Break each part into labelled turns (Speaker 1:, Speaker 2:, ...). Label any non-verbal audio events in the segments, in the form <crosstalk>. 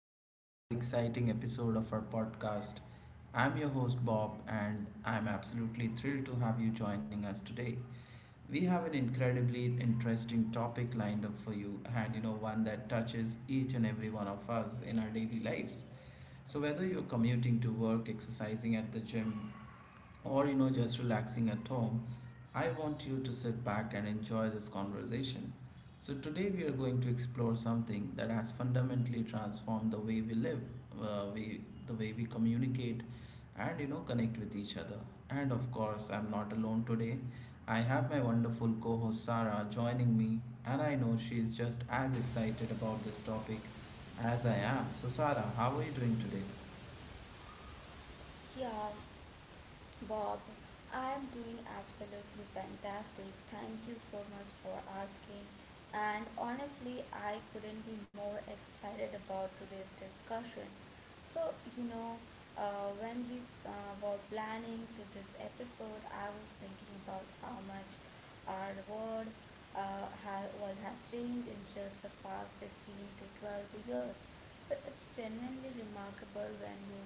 Speaker 1: back to another exciting episode of our podcast. I'm your host, Bob, and I'm absolutely thrilled to have you joining us today. We have an incredibly interesting topic lined up for you, and one that touches each and every one of us in our daily lives. So, whether you're commuting to work, exercising at the gym, or just relaxing at home, I want you to sit back and enjoy this conversation. So today we are going to explore something that has fundamentally transformed the way we live, we the way we communicate, and connect with each other. And of course, I'm not alone today. I have my wonderful co-host Sarah joining me, and I know she is just as excited about this topic as I am. So Sarah, how are you doing today?
Speaker 2: Yeah, Bob, I am doing absolutely fantastic. Thank you so much for asking. And honestly, I couldn't be more excited about today's discussion. So, you know, when we were planning to this episode, I was thinking about how much our world has changed in just the past 15 to 12 years. So it's genuinely remarkable when you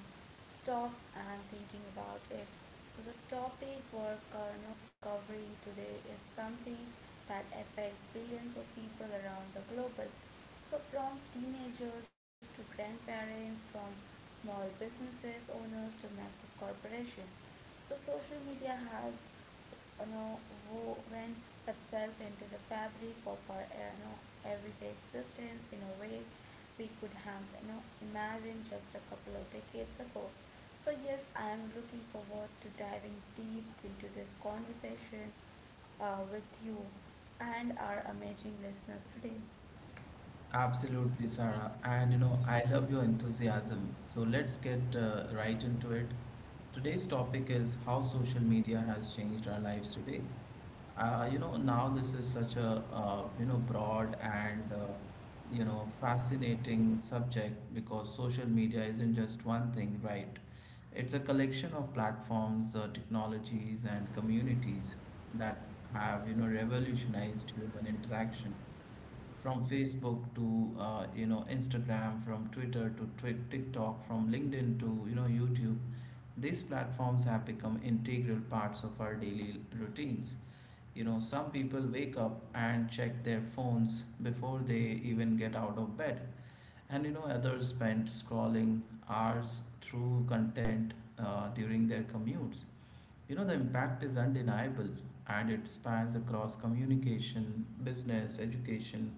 Speaker 2: stop and thinking about it. So the topic we're covering today is something that affects billions of people around the globe. So from teenagers to grandparents, from small businesses owners to massive corporations. So social media has you know woven itself into the fabric of our everyday existence in a way we could have imagined just a couple of decades ago. So yes, I am looking forward to diving deep into this conversation with you and our amazing listeners today.
Speaker 1: Absolutely, Sarah. And I love your enthusiasm. So let's get right into it. Today's topic is how social media has changed our lives today. Now this is such a broad and fascinating subject, because social media isn't just one thing, right? It's a collection of platforms, technologies, and communities that have revolutionized human interaction, from Facebook to Instagram, from Twitter to TikTok, from LinkedIn to YouTube. These platforms have become integral parts of our daily routines. You know, some people wake up and check their phones before they even get out of bed, and others spend scrolling hours through content during their commutes. You know, the impact is undeniable, and it spans across communication, business, education,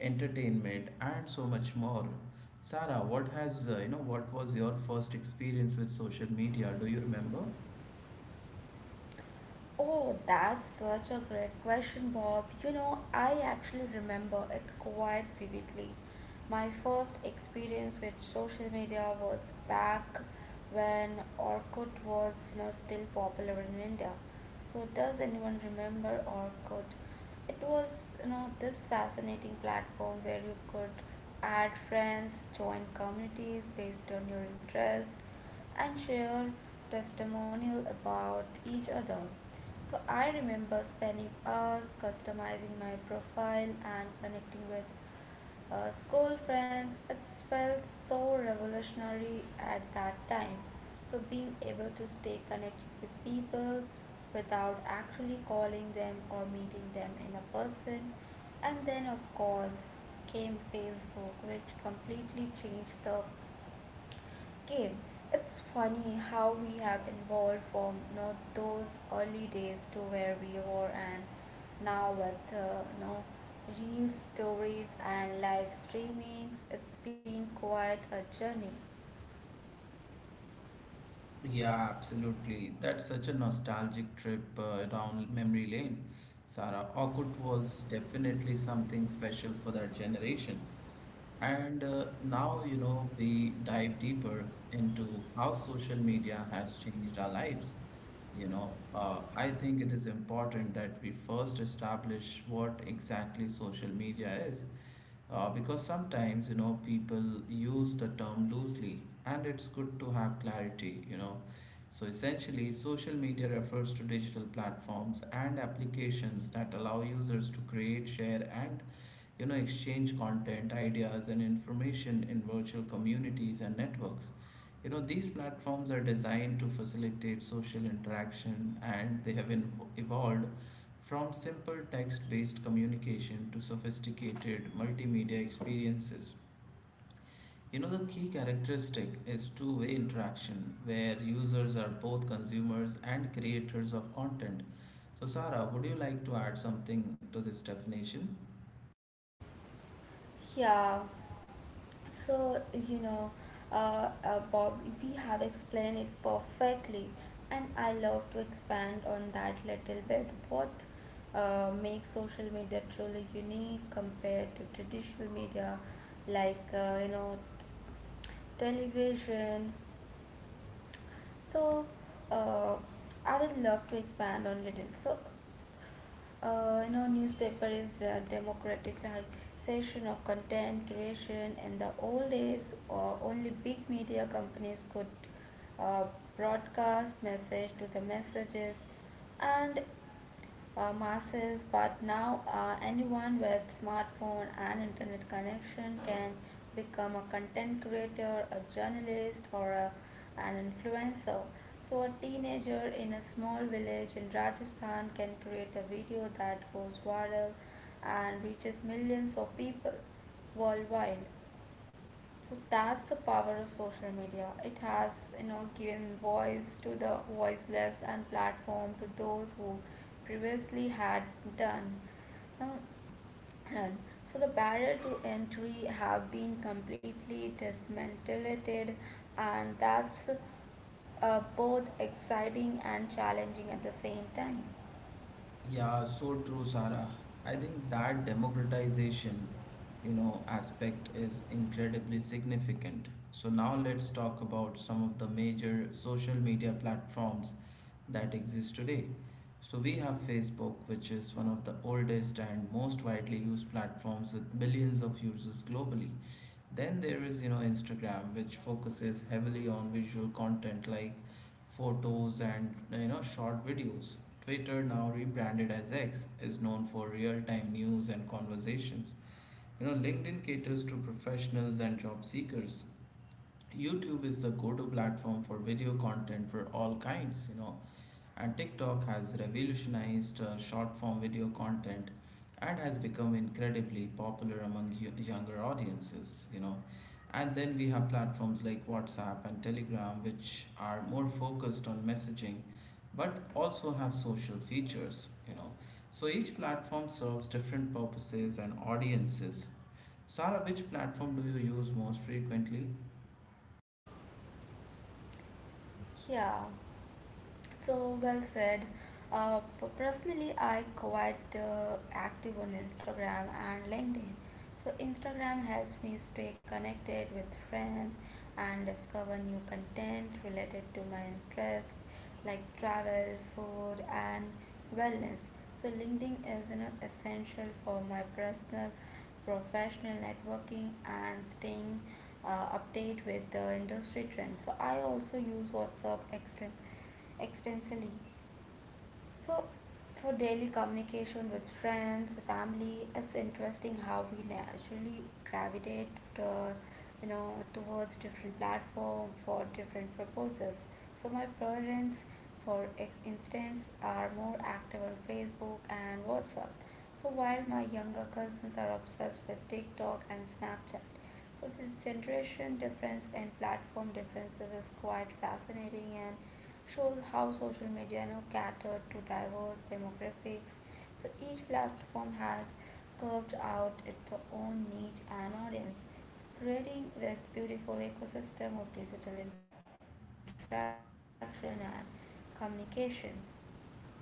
Speaker 1: entertainment, and so much more. Sarah, what was your first experience with social media? Do you remember?
Speaker 2: Oh, that's such a great question, Bob. You know, I actually remember it quite vividly. My first experience with social media was back when Orkut was, you know, still popular in India. So, does anyone remember Orkut? It was, you know, this fascinating platform where you could add friends, join communities based on your interests, and share testimonial about each other. So I remember spending hours customizing my profile and connecting with school friends. It felt so revolutionary at that time. So, being able to stay connected with people without actually calling them or meeting them in a person. And then, of course, came Facebook, which completely changed the Gabe, it's funny how we have evolved from you know, those early days to where we were and now with real stories and live streamings, it's been quite a journey.
Speaker 1: Yeah, absolutely. That's such a nostalgic trip down memory lane, Sarah. Orkut was definitely something special for that generation. And now, you know, we dive deeper into how social media has changed our lives. I think it is important that we first establish what exactly social media is. Because sometimes, you know, people use the term loosely, and it's good to have clarity, you know. So essentially, social media refers to digital platforms and applications that allow users to create, share, and exchange content, ideas, and information in virtual communities and networks. You know, these platforms are designed to facilitate social interaction, and they have evolved from simple text based communication to sophisticated multimedia experiences. You know, the key characteristic is two-way interaction, where users are both consumers and creators of content. So Sarah, would you like to add something to this definition?
Speaker 2: Yeah, So, you know, Bob, we have explained it perfectly, and I love to expand on that little bit. What makes social media truly unique compared to traditional media like, you know, television so uh, I would love to expand on little. So newspaper is a democratic like session of content creation. In the old days, only big media companies could uh, broadcast message to the messages, and masses, but now anyone with smartphone and internet connection can become a content creator, a journalist, an influencer. So a teenager in a small village in Rajasthan can create a video that goes viral and reaches millions of people worldwide. So that's the power of social media. It has, you know, given voice to the voiceless and platform to those who previously had done. Now, none. So the barrier to entry have been completely dismantled, and that's both exciting and challenging at the same time.
Speaker 1: Yeah, so true, Sarah. I think that democratization, you know, aspect is incredibly significant. So now let's talk about some of the major social media platforms that exist today. So we have Facebook, which is one of the oldest and most widely used platforms with billions of users globally. Then there is, you know, Instagram, which focuses heavily on visual content like photos and, you know, short videos. Twitter, now rebranded as X, is known for real time news and conversations. You know, LinkedIn caters to professionals and job seekers. YouTube is the go to platform for video content for all kinds, you know, and TikTok has revolutionized short form video content and has become incredibly popular among younger audiences, you know. And then we have platforms like WhatsApp and Telegram, which are more focused on messaging but also have social features, you know. So each platform serves different purposes and audiences. Sarah, which platform do you use most frequently?
Speaker 2: Yeah. So well said. Personally, I quite active on Instagram and LinkedIn. So Instagram helps me stay connected with friends and discover new content related to my interests like travel, food, and wellness. So LinkedIn is you know, essential for my personal, professional networking and staying update with the industry trends. So I also use WhatsApp extremely extensively. So, for daily communication with friends, family, it's interesting how we naturally gravitate to, you know, towards different platform for different purposes. So my parents, for instance, are more active on Facebook and WhatsApp. So while my younger cousins are obsessed with TikTok and Snapchat, so this generation difference and platform differences is quite fascinating and shows how social media you know, catered to diverse demographics. So each platform has carved out its own niche and audience, so creating this beautiful ecosystem of digital interaction and communications.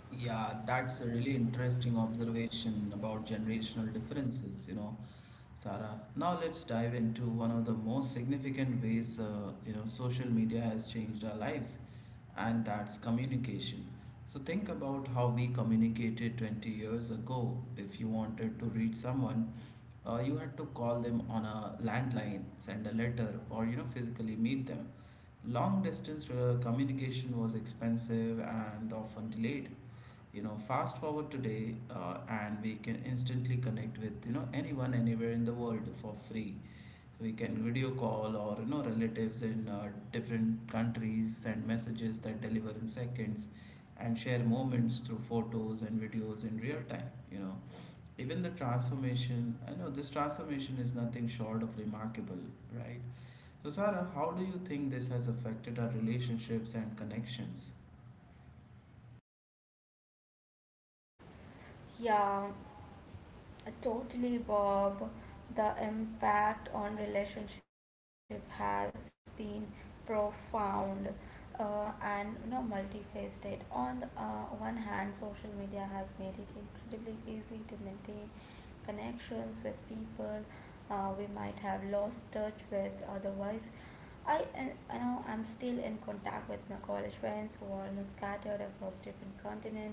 Speaker 1: Yeah, that's a really interesting observation about generational differences, you know. Sarah. Now let's dive into one of the most significant ways social media has changed our lives, and that's communication. So think about how we communicated 20 years ago. If you wanted to reach someone, you had to call them on a landline, send a letter, or physically meet them. Long distance communication was expensive and often delayed. You know, fast forward today, and we can instantly connect with anyone anywhere in the world for free. We can video call or you know relatives in different countries, send messages that deliver in seconds, and share moments through photos and videos in real time. You know, even the transformation I know this transformation is nothing short of remarkable, right? So Sarah, how do you think this has affected our relationships and connections?
Speaker 2: Yeah, totally, Bob. The impact on relationship has been profound and you know, multifaceted. On the one hand, social media has made it incredibly easy to maintain connections with people we might have lost touch with otherwise. I know I'm still in contact with my college friends who are you know, scattered across different continents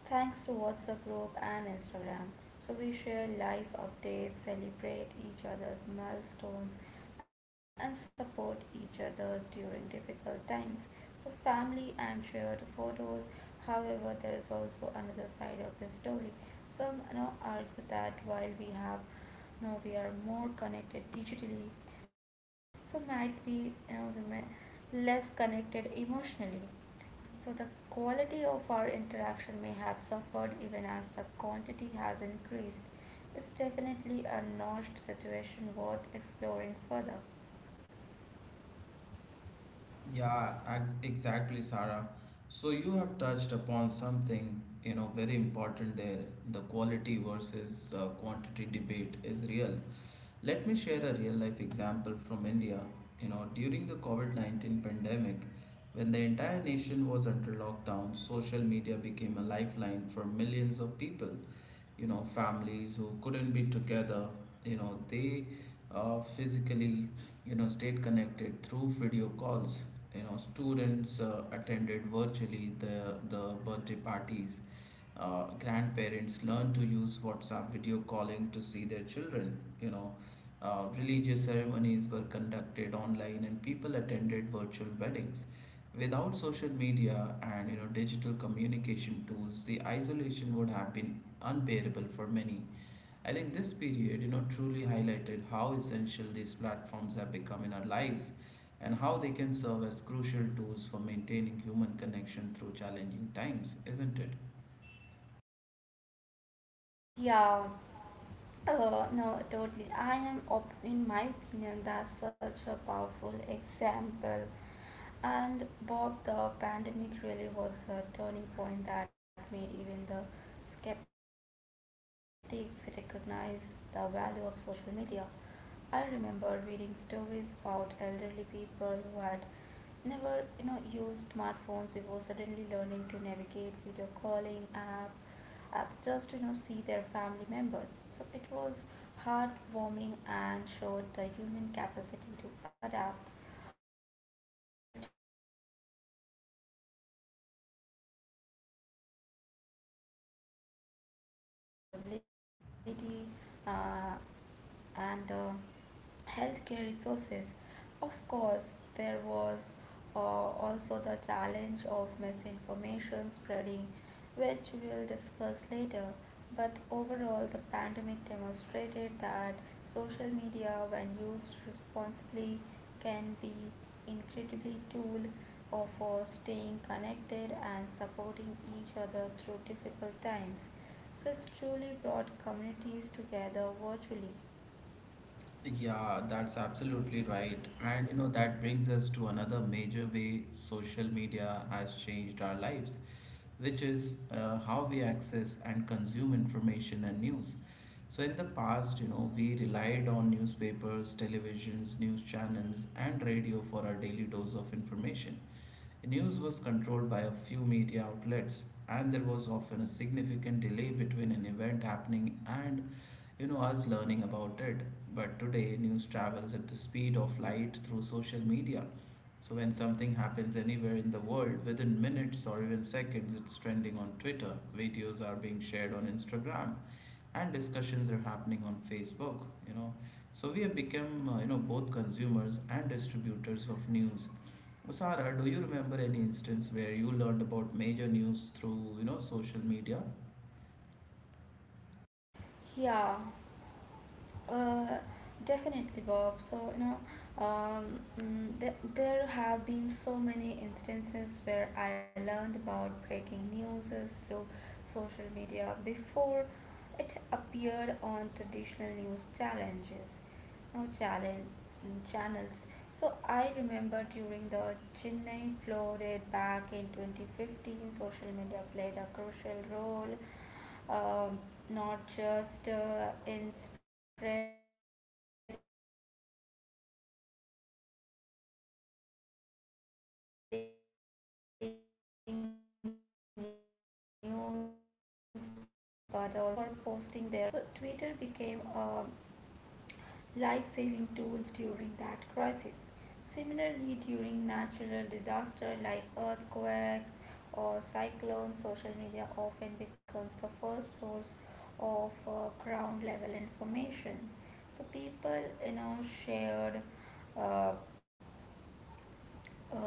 Speaker 2: thanks to WhatsApp group and Instagram. So we share life updates, celebrate each other's milestones, and support each other during difficult times. So family and shared photos. However, there is also another side of this story. Some you know, argue that while we have now we are more connected digitally so might be you know less connected emotionally so the quality of our interaction may have suffered even as the quantity has increased. It's definitely a nuanced situation worth exploring further.
Speaker 1: Exactly, Sarah. So you have touched upon something, you know, very important there. The quality versus quantity debate is real. Let me share a real life example from India. You know, during the COVID-19 pandemic, when the entire nation was under lockdown, social media became a lifeline for millions of people. You know, families who couldn't be together, you know they physically, stayed connected through video calls. You know, students attended virtually the birthday parties. Grandparents learned to use WhatsApp video calling to see their children. Religious ceremonies were conducted online, and people attended virtual weddings. Without social media and digital communication tools, the isolation would have been unbearable for many. I think this period, you know, truly highlighted how essential these platforms have become in our lives, and how they can serve as crucial tools for maintaining human connection through challenging times, isn't it?
Speaker 2: Yeah, no, totally. In my opinion, that's such a powerful example. And Bob, the pandemic really was a turning point that made even the skeptics recognize the value of social media. I remember reading stories about elderly people who had never, you know, used smartphones before suddenly learning to navigate video calling app just to you know see their family members. So it was heartwarming and showed the human capacity to adapt on a global level too. So social media helps spread information about safety protocols, vaccine availability, uh, and healthcare resources. Of course, there was also the challenge of misinformation spreading, which we'll discuss later. But overall, the pandemic demonstrated that social media, when used responsibly, can be incredibly tool of- for staying connected and supporting each other through difficult times. So it's truly brought communities together virtually.
Speaker 1: Yeah, that's absolutely right. And you know, that brings us to another major way social media has changed our lives, which is how we access and consume information and news. So, in the past, you know, we relied on newspapers, televisions, news channels, and radio for our daily dose of information. News was controlled by a few media outlets, and there was often a significant delay between an event happening and, you know, us learning about it. But today, news travels at the speed of light through social media. So, when something happens anywhere in the world, within minutes or even seconds, it's trending on Twitter. Videos are being shared on Instagram and discussions are happening on Facebook, you know. So we have become, both consumers and distributors of news. Usara, do you remember any instance where you learned about major news through, you know, social media?
Speaker 2: Yeah, uh, Definitely, Bob. There have been so many instances where I learned about breaking news through social media before it appeared on traditional news challenges. No challenge channels. So I remember during the Chennai flooded back in 2015, social media played a crucial role, um, not just in spreading news but also in coordinating rescue efforts. So people were posting their locations and asking for help. Strangers were responding with boats and resources. So Twitter became a life saving tools during that crisis. Similarly, during natural disaster like earthquakes or cyclones, social media often becomes the first source of ground level information. So people, you know, shared uh,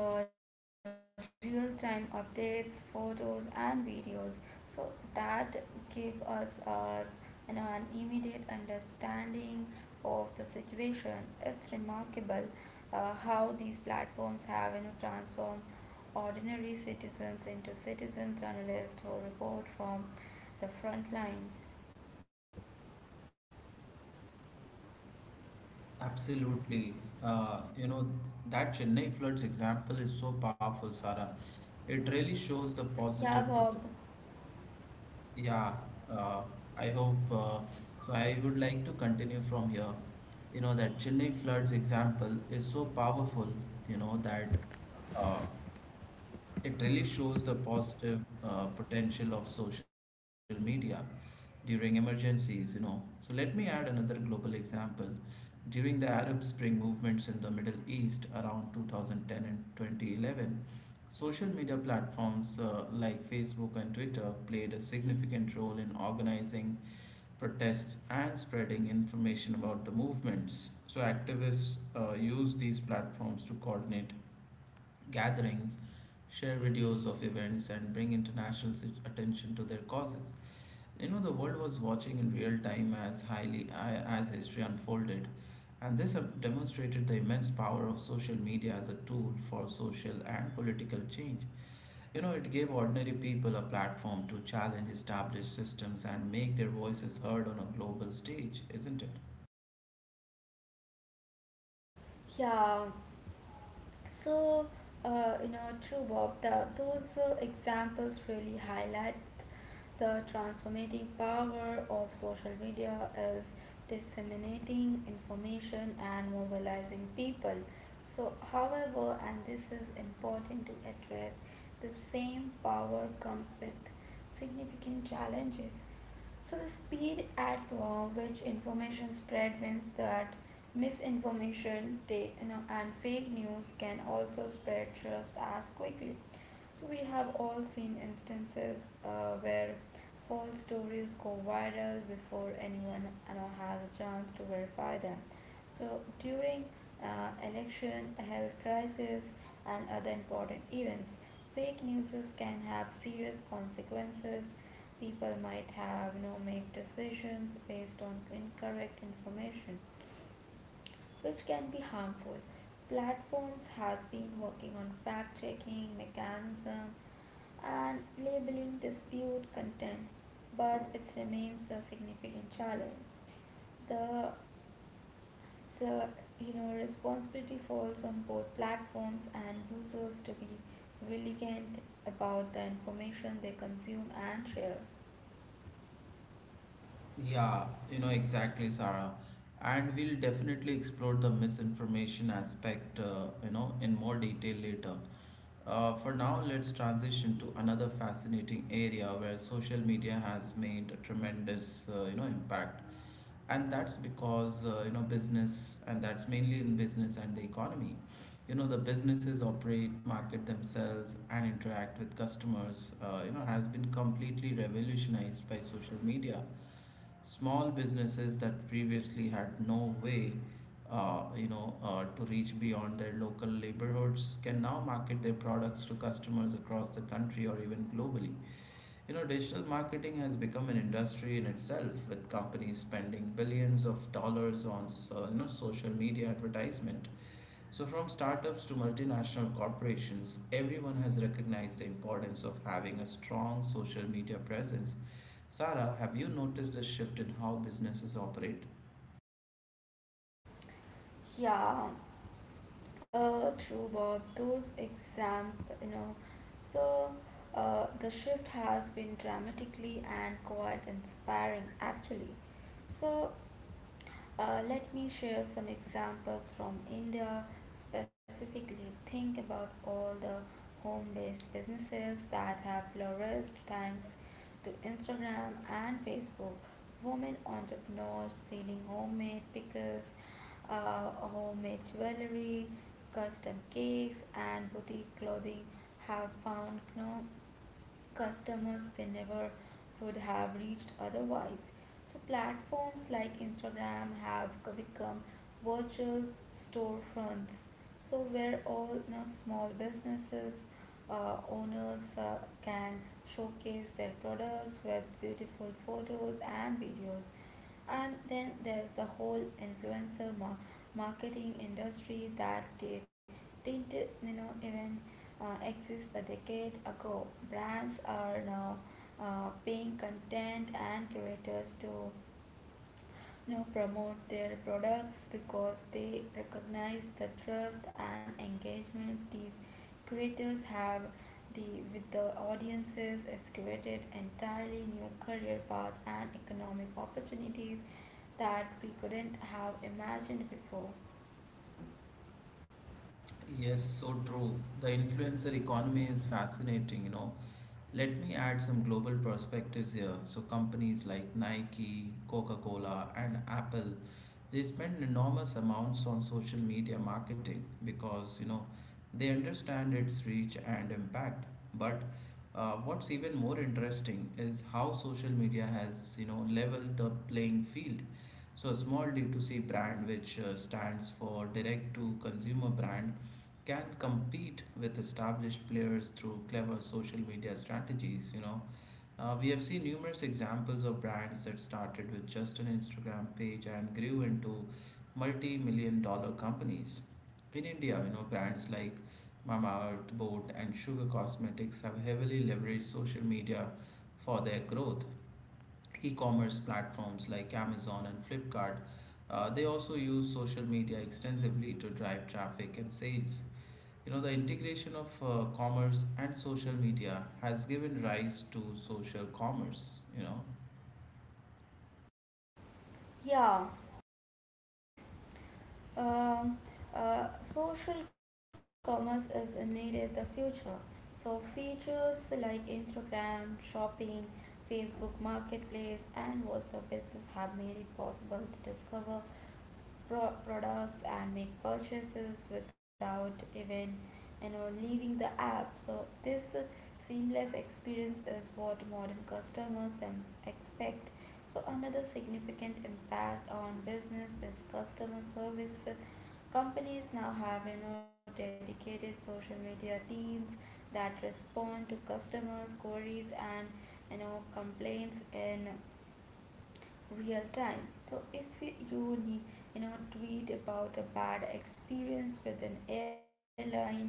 Speaker 2: real time updates, photos, and videos. So that give us an immediate understanding of the situation. It's remarkable how these platforms have you know transformed ordinary citizens into citizen journalists who report from the front lines.
Speaker 1: Absolutely. Uh, you know, that Chennai floods example is so powerful,
Speaker 2: Yeah,
Speaker 1: Sarah.
Speaker 2: Bob.
Speaker 1: It really shows the positive Yeah, uh, I hope so. I would like to continue from here. You know, that Chennai floods example is so powerful, you know, that uh, it really shows the positive potential of social media during emergencies, you know. So let me add another global example. During the Arab Spring movements in the Middle East around 2010 and 2011, social media platforms like Facebook and Twitter played a significant role in organizing protests and spreading information about the movements. So activists used these platforms to coordinate gatherings, share videos of events, and bring international attention to their causes. You know, the world was watching in real time as highly as history unfolded, and this have demonstrated the immense power of social media as a tool for social and political change. You know, it gave ordinary people a platform to challenge established systems and make their voices heard on a global stage, isn't it?
Speaker 2: Yeah, So, True, Bob. Those examples really highlight the transformative power of social media is disseminating information and mobilizing people. So, however, and this is important to address, the same power comes with significant challenges. So the speed at which information spread means that misinformation they, you know, and fake news can also spread just as quickly. So we have all seen instances where false stories go viral before anyone you know, has a chance to verify them. So during election, health crisis, and other important events, fake news can have serious consequences. People might have no make decisions based on incorrect information, which can be harmful. Platforms has been working on fact checking mechanism and labeling dispute content, but it remains a significant challenge. The so, you know, responsibility falls on both platforms and users to be vigilant about the information they consume and share.
Speaker 1: Yeah, you know exactly, Sarah. And we'll definitely explore the misinformation aspect, in more detail later. For now, let's transition to another fascinating area where social media has made a tremendous, impact. And that's because, business, and that's mainly in business and the economy. You know, the businesses operate, market themselves, and interact with customers, has been completely revolutionized by social media. Small businesses that previously had no way to reach beyond their local neighborhoods can now market their products to customers across the country or even globally. You know, digital marketing has become an industry in itself, with companies spending billions of dollars on social media advertisement. So from startups to multinational corporations, everyone has recognized the importance of having a strong social media presence. Sarah, have you noticed a shift in how businesses operate?
Speaker 2: Yeah, True, Bob. Those example, you know, so the shift has been dramatically and quite inspiring, actually. So let me share some examples from India. Specifically, think about all the home based businesses that have flourished thanks to Instagram and Facebook. Women entrepreneurs selling homemade pickles, homemade jewelry, custom cakes, and boutique clothing have found no customers they never would have reached otherwise. So platforms like Instagram have become virtual storefronts. So where all you know, small businesses owners can showcase their products with beautiful photos and videos and then there's the whole influencer marketing industry that didn't you know even exist a decade ago brands are now paying content and curators to you know, promote their products because they recognize the trust and engagement these creators have the with the audiences it's created entirely new career paths and economic opportunities that we couldn't have imagined before.
Speaker 1: Yes, so true. The influencer economy is fascinating, you know. Let me add some global perspectives here. So, companies like Nike, Coca Cola, and Apple, they spend enormous amounts on social media marketing because they understand its reach and impact. But what's even more interesting is how social media has leveled the playing field. So a small D2C brand, which stands for direct to consumer brand, can compete with established players through clever social media strategies. We have seen numerous examples of brands that started with just an Instagram page and grew into multi million dollar companies. In India, brands like Mamaearth, Boat, and Sugar Cosmetics have heavily leveraged social media for their growth. E commerce platforms like Amazon and Flipkart, they also use social media extensively to drive traffic and sales. The integration of commerce and social media has given rise to social commerce.
Speaker 2: yeah Um, Social commerce is needed the future. So features like Instagram, shopping, Facebook Marketplace, and WhatsApp Business have made it possible to discover products and make purchases without even you know leaving the app so this seamless experience is what modern customers expect so another significant impact on business is customer service companies now have you know dedicated social media teams that respond to customers queries and you know complaints in real time so if you need you know tweet about a bad experience with an airline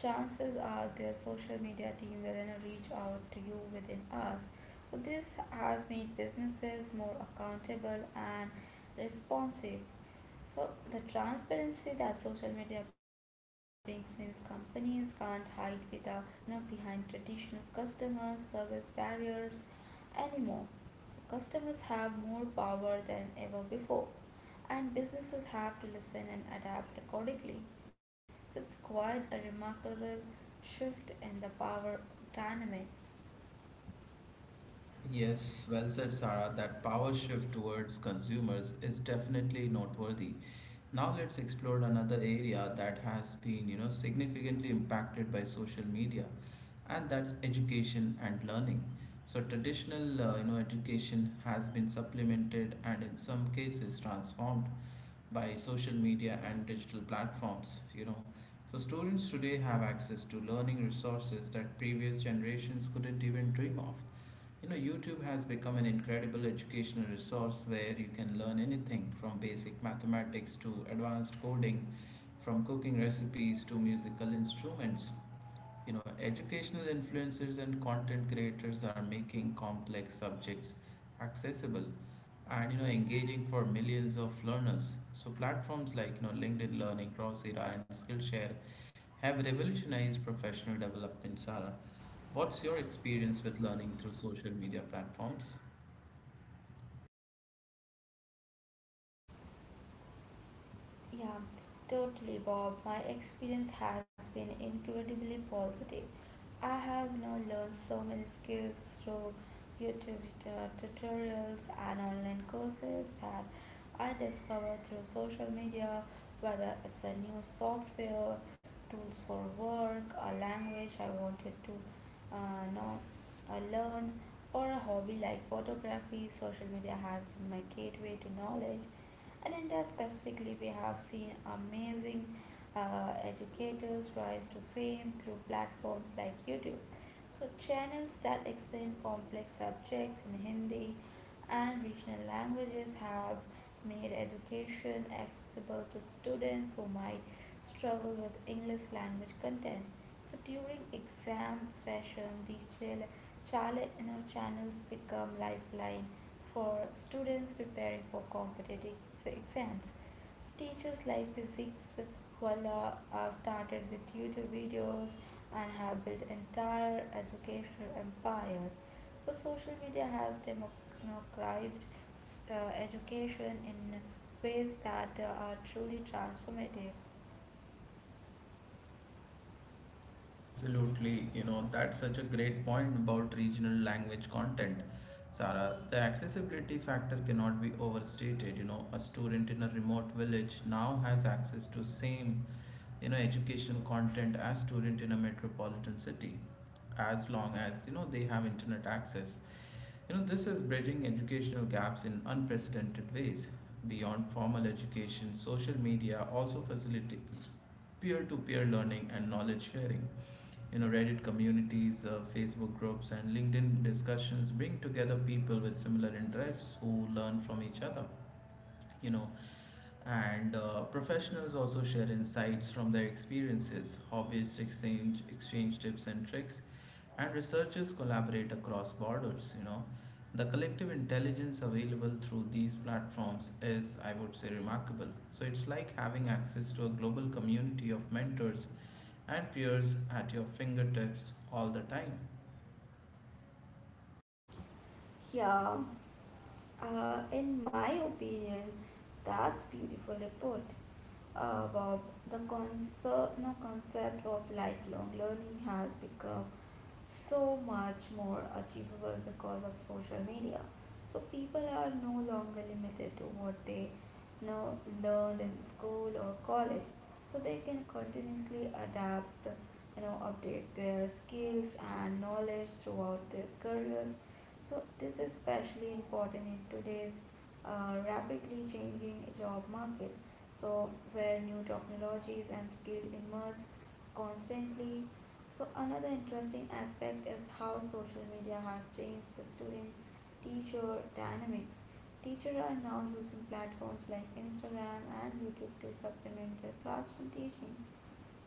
Speaker 2: chances are their social media team will you know, reach out to you within hours so this has made businesses more accountable and responsive so the transparency that social media brings means companies can't hide with the, you know, behind traditional customer service barriers anymore. So customers have more power than ever before, and businesses have to listen and adapt accordingly. It's quite a remarkable shift in the power dynamics.
Speaker 1: Yes, well said, Sarah. That power shift towards consumers is definitely noteworthy. Now let's explore another area that has been, significantly impacted by social media, and that's education and learning. So traditional, education has been supplemented and in some cases transformed by social media and digital platforms. So students today have access to learning resources that previous generations couldn't even dream of. YouTube has become an incredible educational resource where you can learn anything from basic mathematics to advanced coding, from cooking recipes to musical instruments. Educational influencers and content creators are making complex subjects
Speaker 2: Yeah,
Speaker 1: accessible, and engaging for millions of learners. So platforms like LinkedIn Learning, Coursera, and Skillshare have revolutionized professional development. Sarah, what's your experience with learning through social media platforms?
Speaker 2: Yeah, totally, Bob. My experience has been incredibly positive. I have now learned so many skills through YouTube tutorials and online courses that I discovered through social media, whether it's a new software, tools for work, a language I wanted to know, learn, or a hobby like photography. Social media has been my gateway to knowledge, and India specifically, we have seen amazing educators rise to fame through platforms like YouTube. So, channels that explain complex subjects in Hindi and regional languages have made education accessible to students who might struggle with English language content. So during exam session, these chale- channels become lifeline for students preparing for competitive exams. So teachers like physics voila started with YouTube videos and have built entire educational empires. So social media has democratized education in ways that are truly transformative.
Speaker 1: Absolutely, that's such a great point about regional language content. Sarah, the accessibility factor cannot be overstated. A student in a remote village now has access to same educational content as student in a metropolitan city, as long as they have internet access. This is bridging educational gaps in unprecedented ways. Beyond formal education, social media also facilitates peer-to-peer learning and knowledge sharing. Reddit communities, Facebook groups, and LinkedIn discussions bring together people with similar interests who learn from each other you know and Professionals also share insights from their experiences, hobbyists exchange tips and tricks, and researchers collaborate across borders. The collective intelligence available through these platforms is, I would say, remarkable. So it's like having access to a global community of mentors and peers at your fingertips all the time.
Speaker 2: Yeah, in my opinion, that's beautifully put. Bob, the concept, no, concept of lifelong learning has become so much more achievable because of social media. So people are no longer limited to what they know learned in school or college, so they can continuously adapt, you know, update their skills and knowledge throughout their careers. So this is especially important in today's rapidly changing job market, so where new technologies and skills emerge constantly. So another interesting aspect is how social media has changed the student teacher dynamics. Teachers are now using platforms like Instagram and YouTube to supplement their classroom teaching,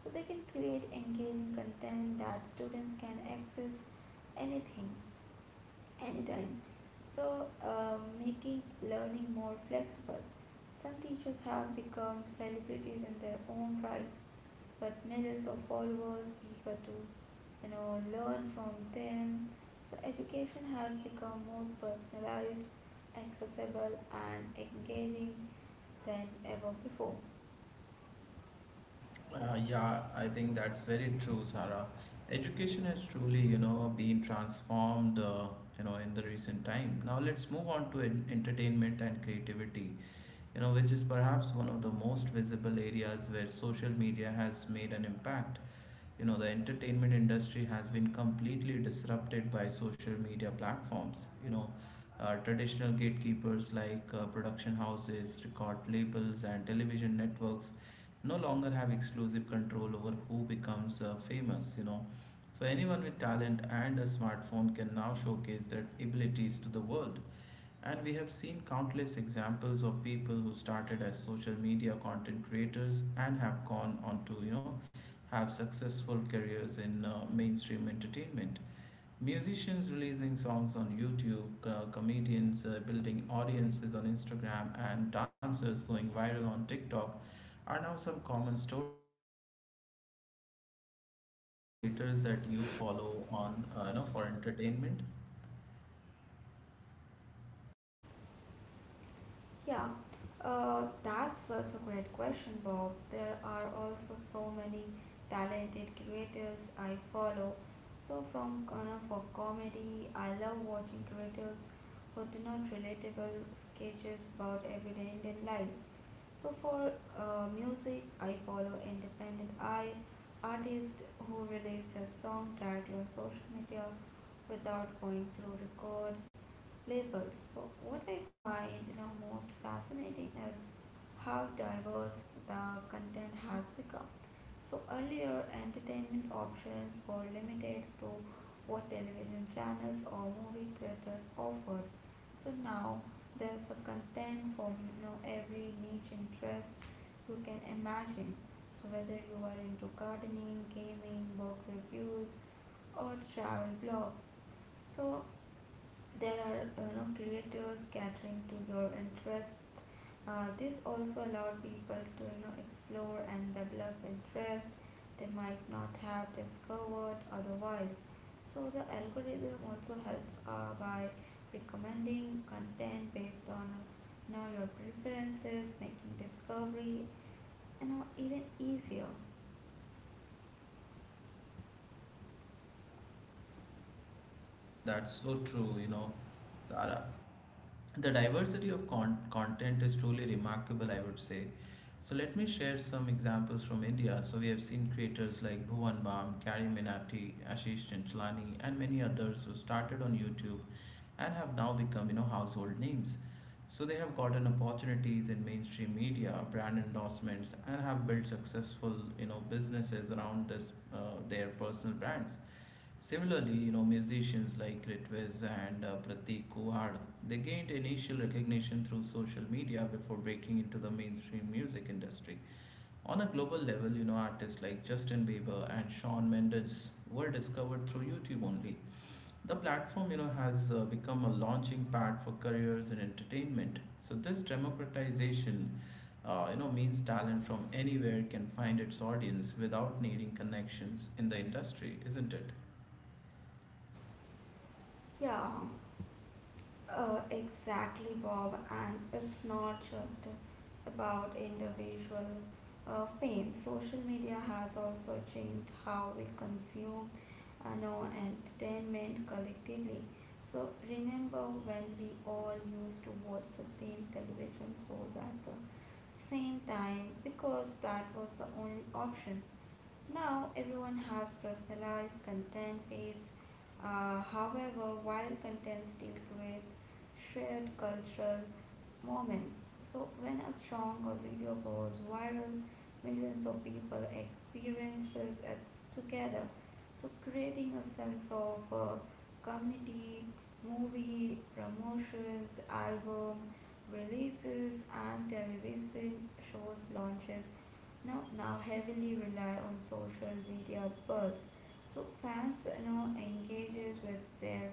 Speaker 2: so they can create engaging content that students can access anything, anytime. So making learning more flexible. Some teachers have become celebrities in their own right, but millions of followers eager to, you know, learn from them. So education has become more personalized, accessible, and engaging than ever before.
Speaker 1: Yeah, I think that's very true, Sarah. Education has truly, been transformed, in the recent time. Now let's move on to entertainment and creativity, which is perhaps one of the most visible areas where social media has made an impact. The entertainment industry has been completely disrupted by social media platforms. Traditional gatekeepers like production houses, record labels, and television networks no longer have exclusive control over who becomes famous. So anyone with talent and a smartphone can now showcase their abilities to the world, and we have seen countless examples of people who started as social media content creators and have gone on to have successful careers in mainstream entertainment. Musicians releasing songs on YouTube, comedians building audiences on Instagram, and dancers going viral on TikTok are now some common stories, Sarah.
Speaker 2: Yeah,
Speaker 1: So, who are some creators that you follow on, for entertainment?
Speaker 2: yeah. That's such a great question, Bob. There are also so many talented creators I follow. So from kind of for comedy, I love watching creators who do not relatable sketches about everyday Indian life. So for music, I follow independent I artists who release their song directly on social media without going through record labels. So what I find, you know, most fascinating is how diverse the content has become. So earlier, entertainment options were limited to what television channels or movie theaters offered. So now there's a content for, you know, every niche interest you can imagine. So whether you are into gardening, gaming, book reviews, or travel blogs, so there are you know, creators catering to your interest. This also allowed people to, you know, explore and develop interest they might not have discovered otherwise. So the algorithm also helps by recommending content based on, you know, your preferences, making discovery, you know, even easier.
Speaker 1: That's so true, Sarah. The diversity of content is truly remarkable, I would say. So let me share some examples from India. So we have seen creators like Bhuvan Bam, Kari Minati, Ashish Chinchlani, and many others who started on YouTube and have now become household names. So they have gotten opportunities in mainstream media, brand endorsements, and have built successful businesses around this their personal brands. Similarly, musicians like Ritviz and Pratik Kuhad, they gained initial recognition through social media before breaking into the mainstream music industry. On a global level, artists like Justin Bieber and Shawn Mendes were discovered through YouTube only. The platform, has become a launching pad for careers in entertainment. So this democratization, means talent from anywhere can find its audience without needing connections in the industry, isn't it?
Speaker 2: Yeah. Exactly, Bob, and it's not just about individual fame. Social media has also changed how we consume and know entertainment collectively. So remember when we all used to watch the same television shows at the same time because that was the only option. Now everyone has personalized content feeds. However, while content still creates shared cultural moments, so when a song or video goes viral, millions of people experiences it together. So creating a sense of community, movie promotions, album releases, and television shows launches now heavily rely on social media buzz. So fans, you know, engages with their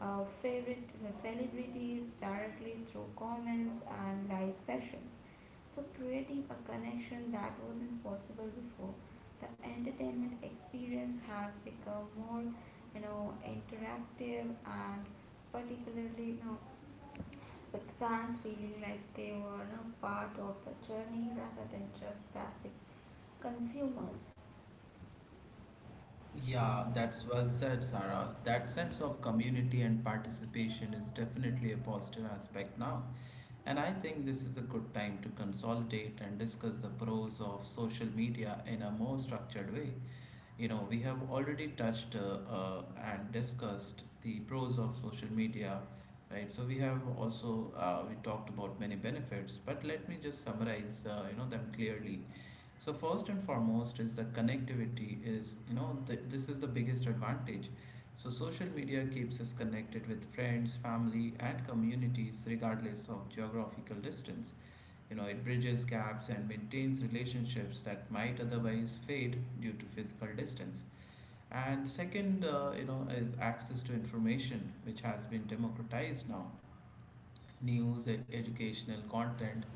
Speaker 2: favorite celebrities directly through comments and live sessions. So creating a connection that wasn't possible before. The entertainment experience has become more, you know, interactive and particularly, you know, with fans feeling like they were a part of the journey rather than just passive consumers.
Speaker 1: Yeah, that's well said, Sarah. That sense of community and participation is definitely a positive aspect now. And I think this is a good time to consolidate and discuss the pros of social media in a more structured way. We have already touched and discussed the pros of social media, right? So we have also we talked about many benefits, but let me just summarize them clearly. So first and foremost is the connectivity is you know th- This is the biggest advantage. So social media keeps us connected with friends, family and communities regardless of geographical distance. It bridges gaps and maintains relationships that might otherwise fade due to physical distance. And second is access to information which has been democratized now. News, educational content,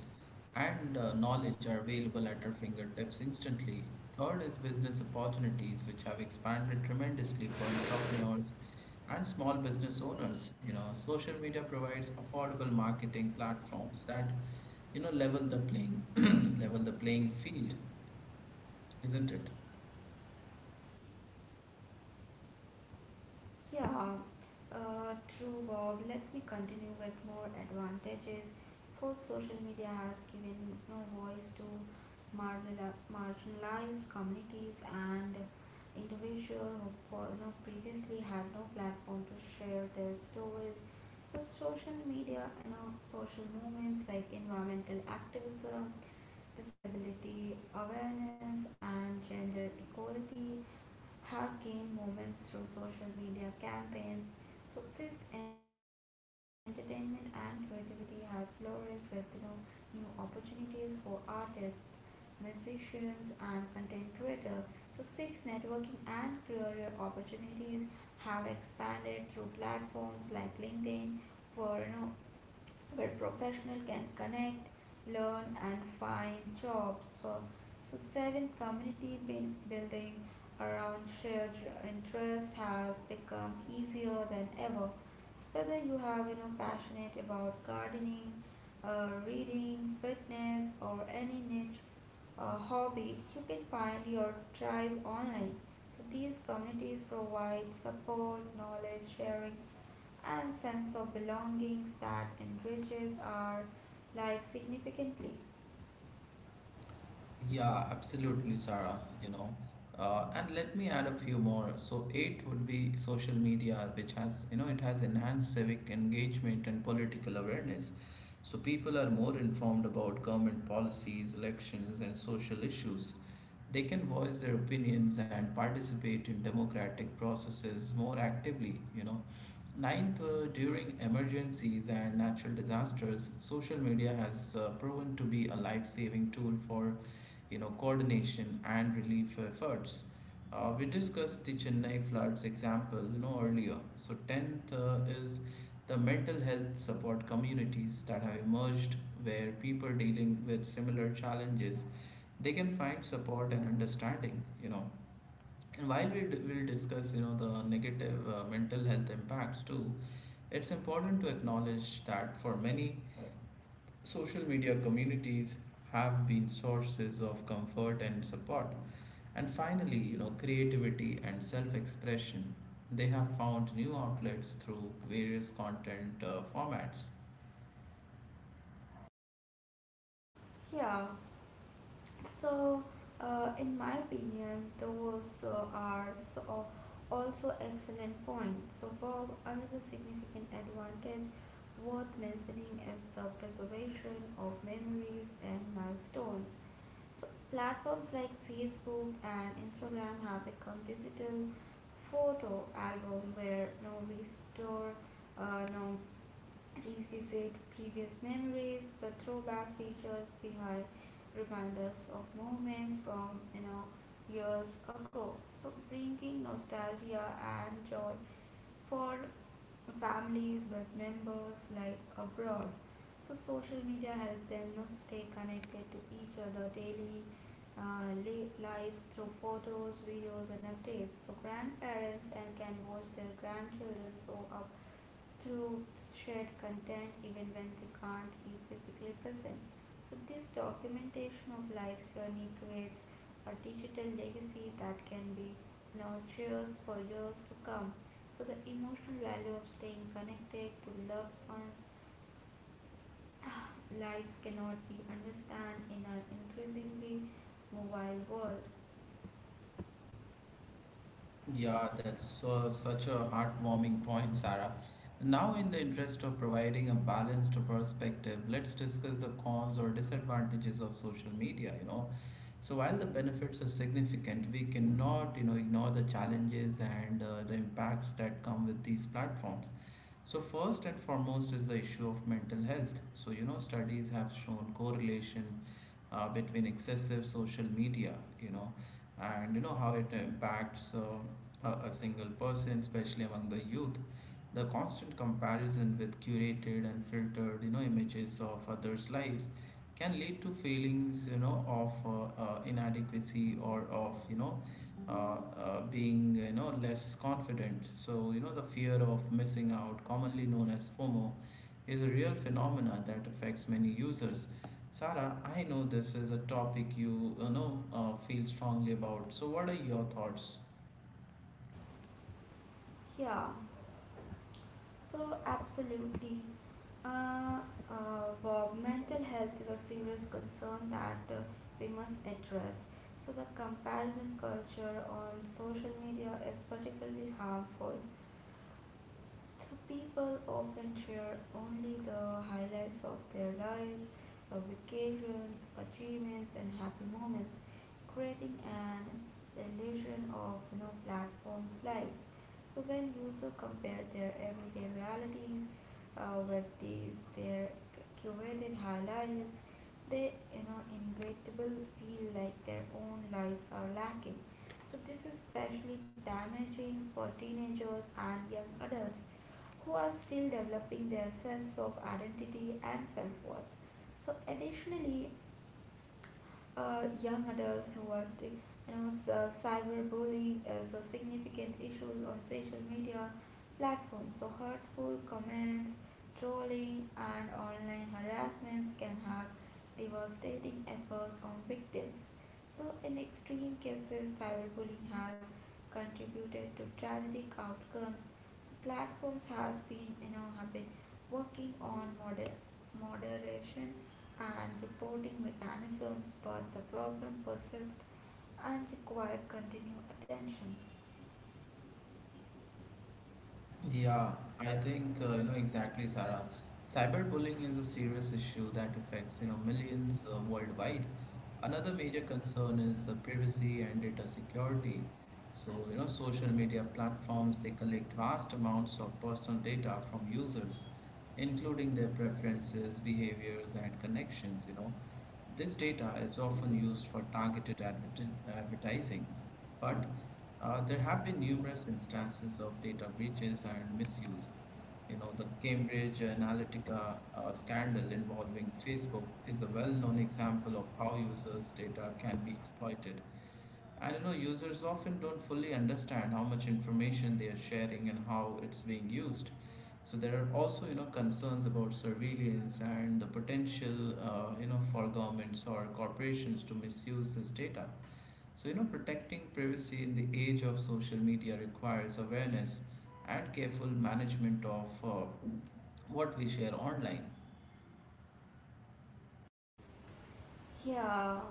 Speaker 1: and knowledge are available at our fingertips instantly. Third is business opportunities, which have expanded tremendously for entrepreneurs and small business owners. Social media provides affordable marketing platforms that level the playing <clears throat> level the playing field, isn't it?
Speaker 2: Yeah, true, Bob. Let me continue with more advantages. Fourth, social media has given no voice to marginalized communities and individuals who you know, previously had no platform to share their stories. So social media and, you know, social movements like environmental activism, disability awareness, and gender equality have gained moments through social media campaigns. So fifth, entertainment and creativity has flourished with, you know, new opportunities for artists, musicians, and content creators. So six, networking and career opportunities have expanded through platforms like LinkedIn for, you know, where professionals can connect, learn, and find jobs. So seventh, community building around shared interest has become easier than ever. So whether you have, you know, passionate about gardening, reading, fitness, or any niche hobby, you can find your tribe online. So these communities provide support, knowledge sharing, and sense of belongings that enriches our life significantly.
Speaker 1: Yeah, absolutely, Sarah. You know, and let me add a few more. So eighth would be social media, which has you know it has enhanced civic engagement and political awareness. So people are more informed about government policies, elections, and social issues. They can voice their opinions and participate in democratic processes more actively. Ninth, during emergencies and natural disasters, social media has proven to be a life-saving tool for coordination and relief efforts. We discussed the Chennai floods example, earlier. So 10th is the mental health support communities that have emerged, where people dealing with similar challenges they can find support and understanding. And while we will discuss the negative mental health impacts too, it's important to acknowledge that for many, social media communities have been sources of comfort and support. And finally, creativity and self expression, they have found new outlets through various content formats.
Speaker 2: Yeah, so in my opinion, those are so also excellent points. So, Bob, another significant advantage worth mentioning is the preservation of memories and milestones. So platforms like Facebook and Instagram have become digital photo album where no we store, no revisit previous memories. The throwback features behind reminders of moments from, you know, years ago. So bringing nostalgia and joy for families, work members, like abroad. So social media help them, you know, stay connected to each other daily uh, lives through photos, videos, and updates. So grandparents and can watch their grandchildren grow up to share content even when they can't be physically present. So this documentation of life's journey creates a digital legacy that can be nurtured for years to come. So the emotional value of staying connected to loved ones <clears throat> <sighs> lives cannot be understood in our increasingly mobile world.
Speaker 1: Yeah, that's such a heartwarming point, Sarah. Now, in the interest of providing a balanced perspective, let's discuss the cons or disadvantages of social media. So, while the benefits are significant, we cannot, ignore the challenges and the impacts that come with these platforms. So first and foremost is the issue of mental health. So studies have shown correlation between excessive social media, you know, and how it impacts a single person, especially among the youth. The constant comparison with curated and filtered images of others lives can lead to feelings of inadequacy, or of being less confident. So the fear of missing out, commonly known as fomo, is a real phenomena that affects many users. Sarah, I know this is a topic you, you know feel strongly about, so what are your thoughts?
Speaker 2: Yeah. So, absolutely. Uh, Bob, mental health is a serious concern that we must address. So, the comparison culture on social media is particularly harmful, so people often share only the highlights of their lives, vacations, achievements, and happy moments, creating an illusion of, you know, platforms' lives. So when users compare their everyday realities with these their curated highlights, they, you know, inevitable feel like their own lives are lacking. So this is especially damaging for teenagers and young adults who are still developing their sense of identity and self worth. So, additionally, young adults who are still, you know, cyberbullying is a significant issue on social media platforms. So, hurtful comments, trolling, and online harassments can have devastating effect on victims. So, in extreme cases, cyberbullying has contributed to tragic outcomes. So, platforms has been, you know, have been working on moderation and reporting mechanisms, but the problem persists and require continued attention.
Speaker 1: Yeah, I think exactly, Sarah. Cyberbullying is a serious issue that affects millions worldwide. Another major concern is the privacy and data security. So social media platforms, they collect vast amounts of personal data from users, including their preferences, behaviors, and connections. This data is often used for targeted advertising, but there have been numerous instances of data breaches and misuse. The Cambridge Analytica scandal involving Facebook is a well-known example of how users' data can be exploited. And users often don't fully understand how much information they are sharing and how it's being used. So there are also concerns about surveillance and the potential for governments or corporations to misuse this data. So, protecting privacy in the age of social media requires awareness and careful management of what we share online.
Speaker 2: Yeah.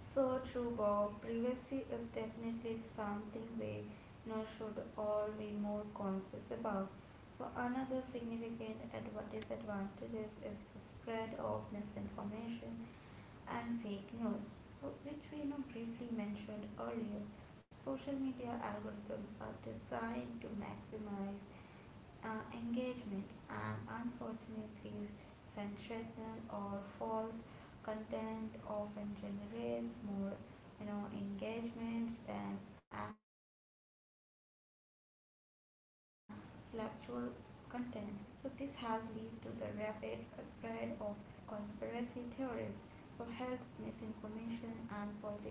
Speaker 2: So true, Bob. Privacy is definitely something we, you know, should all be more conscious about. So another significant disadvantages is the spread of misinformation and fake news. So which we, you know, briefly mentioned earlier. Social media algorithms are designed to maximize engagement, and unfortunately sensational or false content often generates more, you know, engagements than factual content. So this has led to the rapid spread of conspiracy theories, so health misinformation and political propaganda.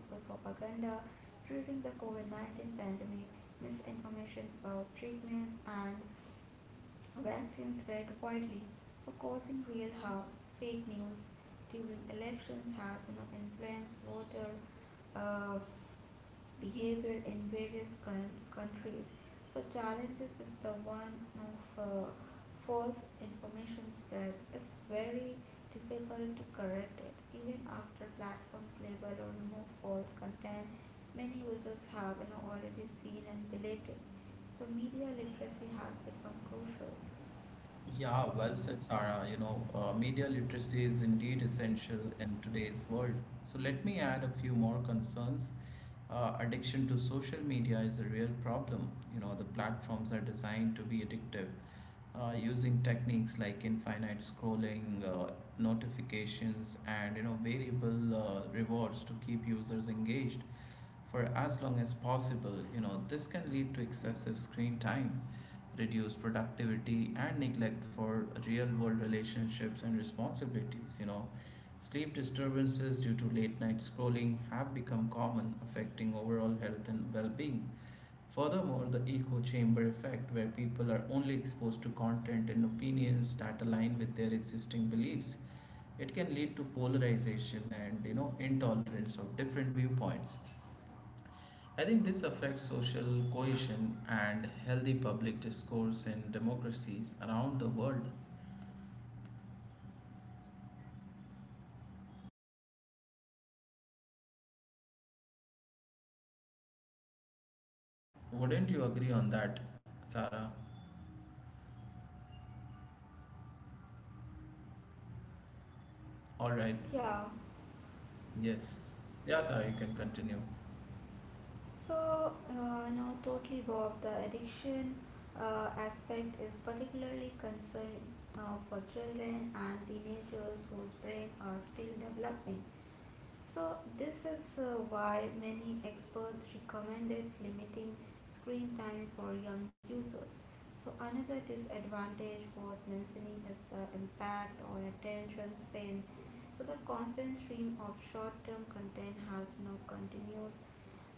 Speaker 2: During the covid-19 pandemic, misinformation about treatments and vaccine spread widely, so causing real harm. Fake news during elections has, you know, influenced voter uh, behavior in various countries. So challenges is the one of false information spread. It's very difficult to correct it. Even after platforms label or remove false content, many users have, you know, already seen and believed it. So media literacy has become crucial.
Speaker 1: Yeah, well said, Sarah. Media literacy is indeed essential in today's world. So let me add a few more concerns. Addiction to social media is a real problem. The platforms are designed to be addictive, using techniques like infinite scrolling, notifications, and variable rewards to keep users engaged for as long as possible. This can lead to excessive screen time, reduced productivity, and neglect for real world relationships and responsibilities. Sleep disturbances due to late night scrolling have become common, affecting overall health and well being. Furthermore, the echo chamber effect, where people are only exposed to content and opinions that align with their existing beliefs, it can lead to polarization and intolerance of different viewpoints. I think this affects social cohesion and healthy public discourse in democracies around the world. Wouldn't you agree on that, Sarah? All right.
Speaker 2: Yeah,
Speaker 1: Yes. Yeah, Sarah, you can continue.
Speaker 2: so no, totally Bob. The addiction aspect is particularly concerned for children and teenagers whose brain are still developing. So this is why many experts recommended limiting screen time for young users. So another disadvantage worth mentioning is the impact on attention span. So the constant stream of short-term content has no continued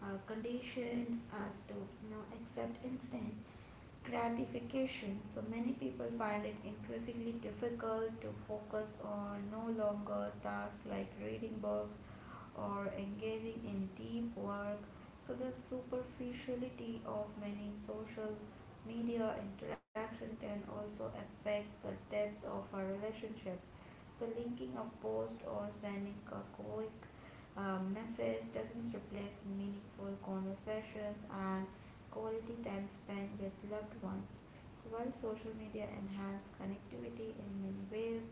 Speaker 2: condition as to, you know, accept instant gratification. So many people find it increasingly difficult to focus on no longer tasks like reading books or engaging in deep work. So the superficiality of many social media interaction can also affect the depth of our relationships. So linking a post or sending a quick message doesn't replace meaningful conversations and quality time spent with loved ones. So while social media enhances connectivity in many ways,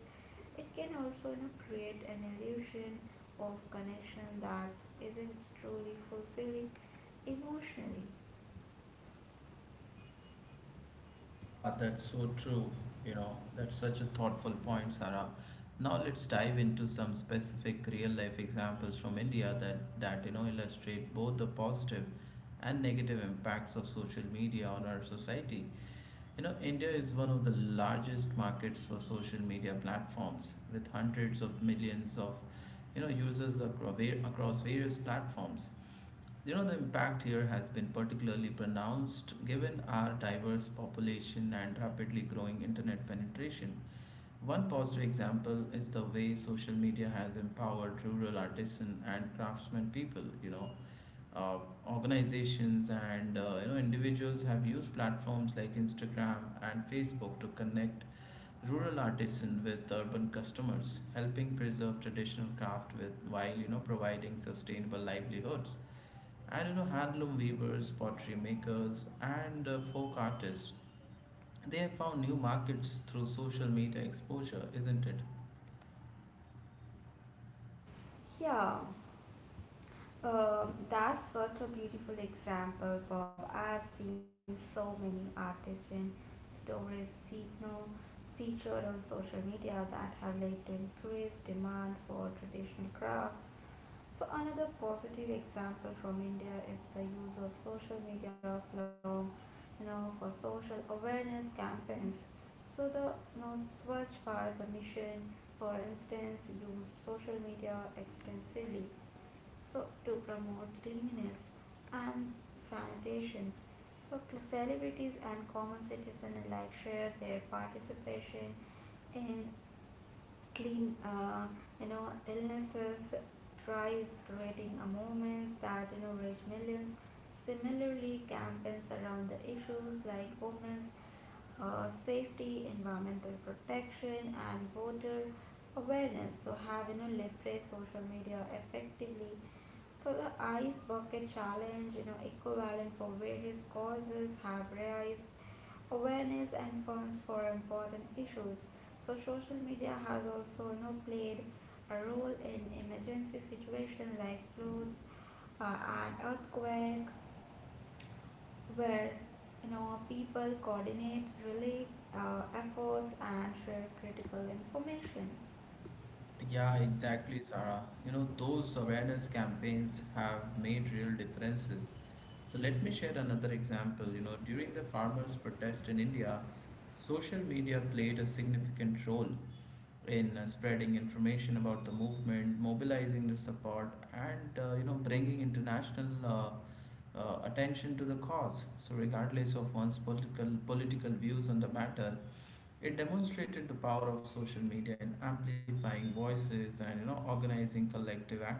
Speaker 2: it can also, you know, create an illusion of connection that isn't truly fulfilling emotionally.
Speaker 1: Yeah, that's so true. You know, that's such a thoughtful point, Sarah. Now let's dive into some specific real life examples from India that illustrate both the positive and negative impacts of social media on our society. You know, India is one of the largest markets for social media platforms with hundreds of millions of users across various platforms. You know, the impact here has been particularly pronounced given our diverse population and rapidly growing internet penetration. One positive example is the way social media has empowered rural artisan and craftsmen people. Uh, Organizations and individuals have used platforms like Instagram and Facebook to connect rural artisan with urban customers, helping preserve traditional craft with while providing sustainable livelihoods. And you know, handloom weavers, pottery makers, and folk artists. They have found new markets through social media exposure, isn't it?
Speaker 2: Yeah, that's such a beautiful example, Bob. I've seen so many artists and stories you know, featured on social media that have led to increased demand for traditional crafts. So another positive example from India is the use of social media platform, you know, for social awareness campaigns. So the, you know, Swachh Bharat mission, for instance, used social media extensively so to promote cleanliness and sanitations. So celebrities and common citizens alike share their participation in clean, you know, illnesses, drives, creating a movement that, you know, reach millions. Similarly, campaigns around the issues like women's safety, environmental protection, and voter awareness. So, have leverage social media effectively? So, the ICE bucket challenge, equivalent for various causes, have raised awareness and funds for important issues. So, social media has also played a role in emergency situations like floods and earthquake where people coordinate relief efforts and share critical information.
Speaker 1: Yeah, exactly, Sarah. You know, those awareness campaigns have made real differences. So let me share another example. You know, during the farmers' protest in India, social media played a significant role in spreading information about the movement, mobilizing the support, and bringing international attention to the cause. So, regardless of one's political views on the matter, it demonstrated the power of social media in amplifying voices and organizing collective action.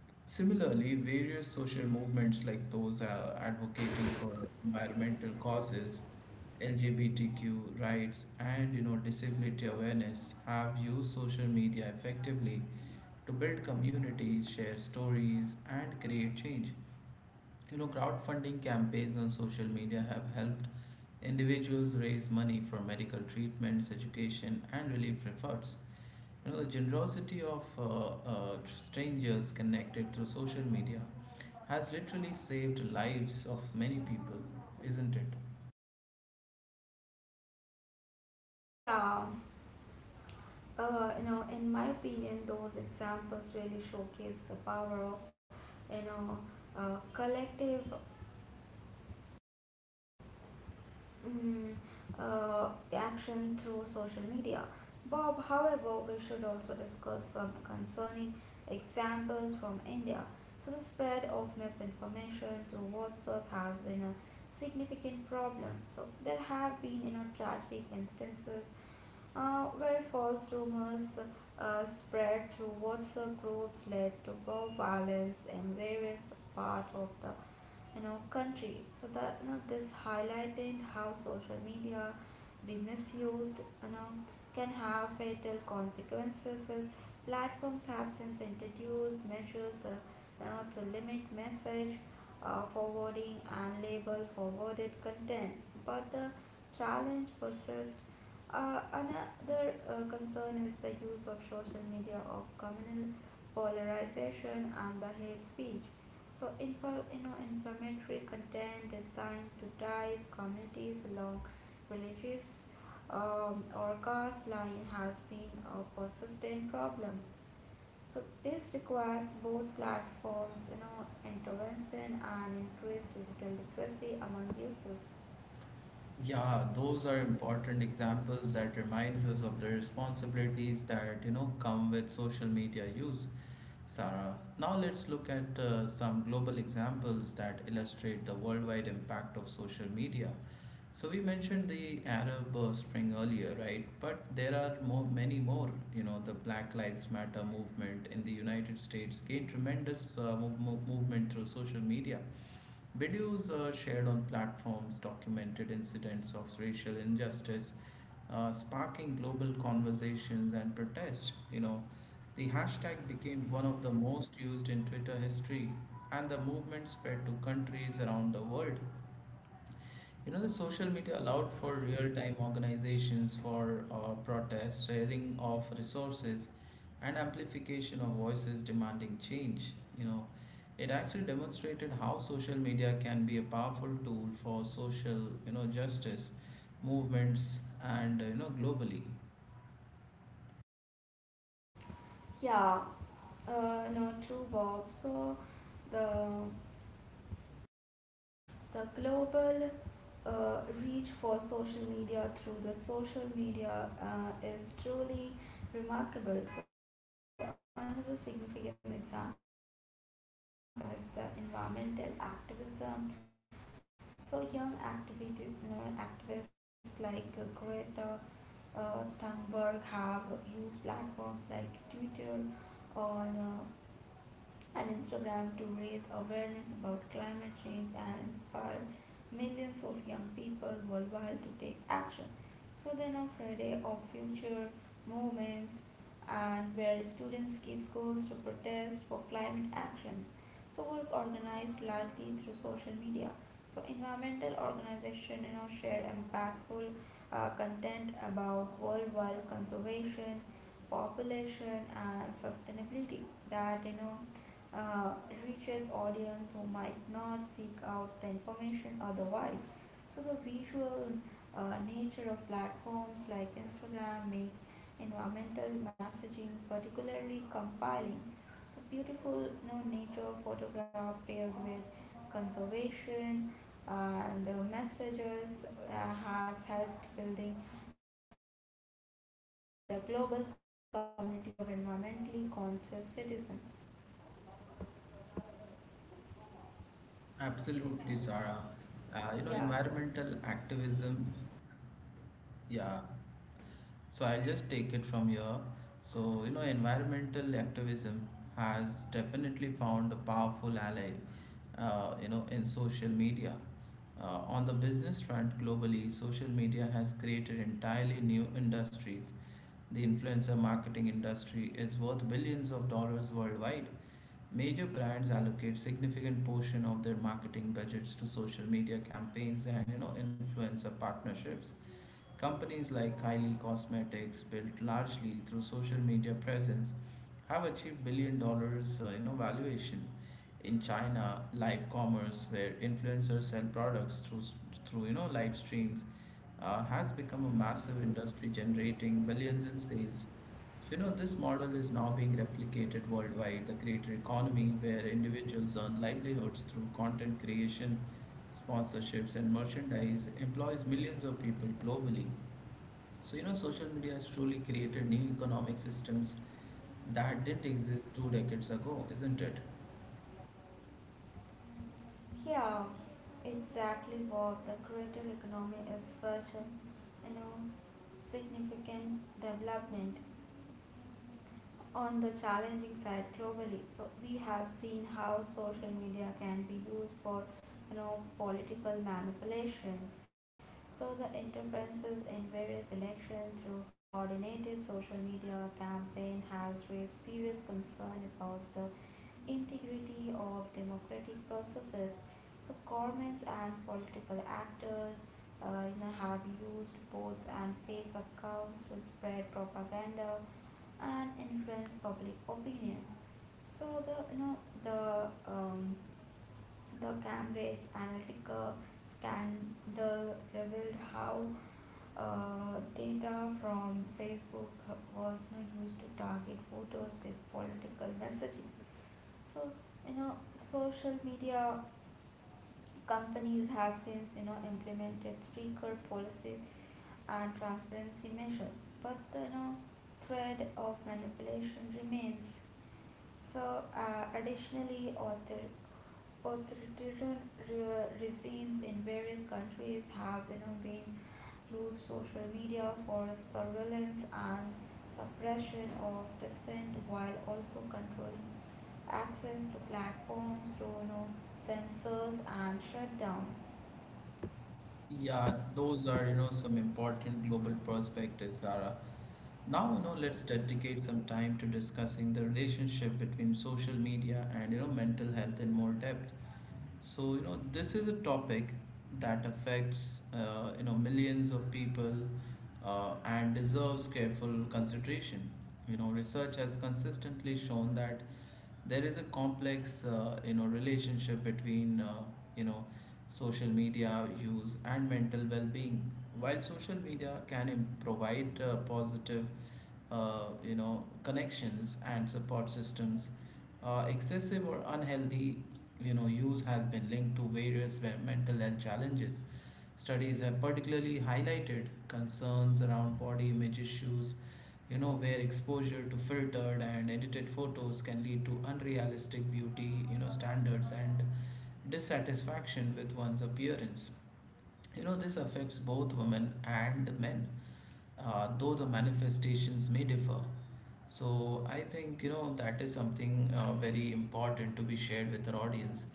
Speaker 1: Similarly, various social movements like those advocating for environmental causes, LGBTQ rights, and disability awareness have used social media effectively to build communities, share stories, and create change. You know, crowdfunding campaigns on social media have helped individuals raise money for medical treatments, education, and relief efforts. You know, the generosity of strangers connected through social media has literally saved lives of many people, isn't it?
Speaker 2: Yeah, in my opinion, those examples really showcase the power of you know collective mm, uh, action through social media. Bob, however, we should also discuss some concerning examples from India. So, the spread of misinformation through WhatsApp has been a significant problem. So, there have been tragic instances where false rumors spread through WhatsApp groups led to mob violence in various parts of the in our country. So that this highlighted how social media be misused can have fatal consequences. Platforms have since introduced measures to limit message forwarding and label forwarded content, but the challenge persists. Another concern is the use of social media of communal polarization and the hate speech. So informatory content designed to dive communities along religious or caste line has been a persistent problem. So this requires both platforms, intervention and increased digital literacy among users.
Speaker 1: Yeah, those are important examples that reminds us of the responsibilities that come with social media use. Sarah, now let's look at some global examples that illustrate the worldwide impact of social media. So we mentioned the Arab Spring earlier, right? But there are more, many more. You know, the Black Lives Matter movement in the United States gained tremendous movement through social media. Videos shared on platforms documented incidents of racial injustice, sparking global conversations and protest. You know, the hashtag became one of the most used in Twitter history, and the movement spread to countries around the world. You know, the social media allowed for real time organizations for protest, sharing of resources, and amplification of voices demanding change. You know, it actually demonstrated how social media can be a powerful tool for social, you know, justice movements and globally.
Speaker 2: Yeah, no, true, Bob. So the the global reach for social media through the social media is truly remarkable. So another significant example is the environmental activism sparked by social media. So young activists like Greta Thunberg have used platforms like Twitter or and Instagram to raise awareness about climate change and inspire millions of young people worldwide to take action. So then on Friday of future movements and where students keep schools to protest for climate action. So work organized largely through social media. So, environmental organization shared impactful content about worldwide conservation, population, and sustainability that uh, reaches audience who might not seek out the information otherwise. So, the visual nature of platforms like Instagram makes environmental messaging particularly compelling, so beautiful, nature photograph paired with conservation and the messages has helped build a global community of environmentally conscious citizens.
Speaker 1: Absolutely, Zara.
Speaker 2: Yeah, so-
Speaker 1: You know, environmental activism, yeah. So I'll just take it from here. So, you know, environmental activism has definitely found a powerful ally, you know, in social media. On the business front globally, social media has created entirely new industries. The influencer marketing industry is worth billions of dollars worldwide. Major brands allocate significant portion of their marketing budgets to social media campaigns and influencer partnerships. Companies like Kylie Cosmetics, built largely through social media presence, have achieved billion dollar valuation. In China, live commerce,
Speaker 2: yeah.
Speaker 1: where influencers sell products through live
Speaker 2: So
Speaker 1: streams, has become a massive industry generating billions in sales. So, you know, this model is now being replicated worldwide, the creator economy, where individuals earn livelihoods through content creation, sponsorships, and merchandise, employs millions of people globally. So, you know, social media has truly created new economic systems that didn't exist two decades ago, isn't it?
Speaker 2: yeah, exactly what the creator economy is such a you know significant development. On the challenging side globally, so we have seen how social media can be used for political manipulations. So the interferences in various elections through coordinated social media campaign has raised serious concern about the integrity of democratic processes. So governments and political actors have used bots and fake accounts to spread propaganda and influence public opinion. So the you know the um, the Cambridge Analytica scandal revealed how data from Facebook was used to target voters with political messaging. So, social media companies have since implemented stricter policies and transparency measures, but the thread of manipulation remains. So, additionally, authoritarian regimes in various countries have been used social media for surveillance and suppression of dissent, while also controlling access to platforms through censors and shutdowns.
Speaker 1: Yeah, those are, you know, some important global perspectives, Zara. Now, you know, let's dedicate some time to discussing the relationship between social media and, you know, mental health in more depth. So, you know, this is a topic that affects, you know, millions of people and deserves careful consideration. You know, research has consistently shown that there is a complex relationship between you know social media use and mental well-being. While social media can provide positive, connections and support systems, excessive or unhealthy use has been linked to various mental health challenges. Studies have particularly highlighted concerns around body image issues, you know, where exposure to filtered and edited photos can lead to unrealistic beauty, you know, standards and dissatisfaction with one's appearance. You know, this affects both women and men, though the manifestations may differ. So I think, you know, that is something very important to be shared with our audience.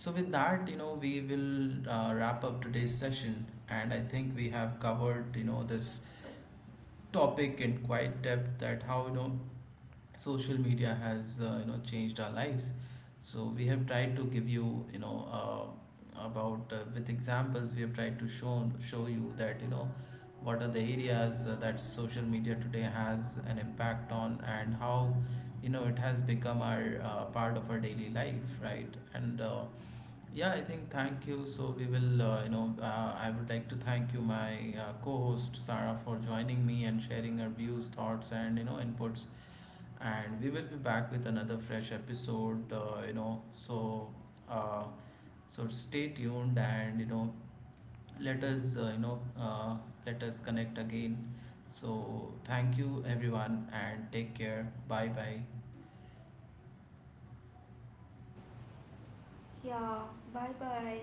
Speaker 1: So, with that, you know, we will wrap up today's session, and I think we have covered, you know, this topic in quite depth, that how, you know, social media has, you know, changed our lives. So, we have tried to give you, you know, about with examples, we have tried to show you that, you know, what are the areas that social media today has an impact on, and how, you know, it has become our part of our daily life, right? And, yeah, I think thank you. So we will, I would like to thank you, my co-host Sarah, for joining me and sharing her views, thoughts, and inputs. And we will be back with another fresh episode. You know, so uh, so stay tuned, and let us let us connect again. So thank you everyone and take care. Bye bye.
Speaker 2: Yeah, bye bye.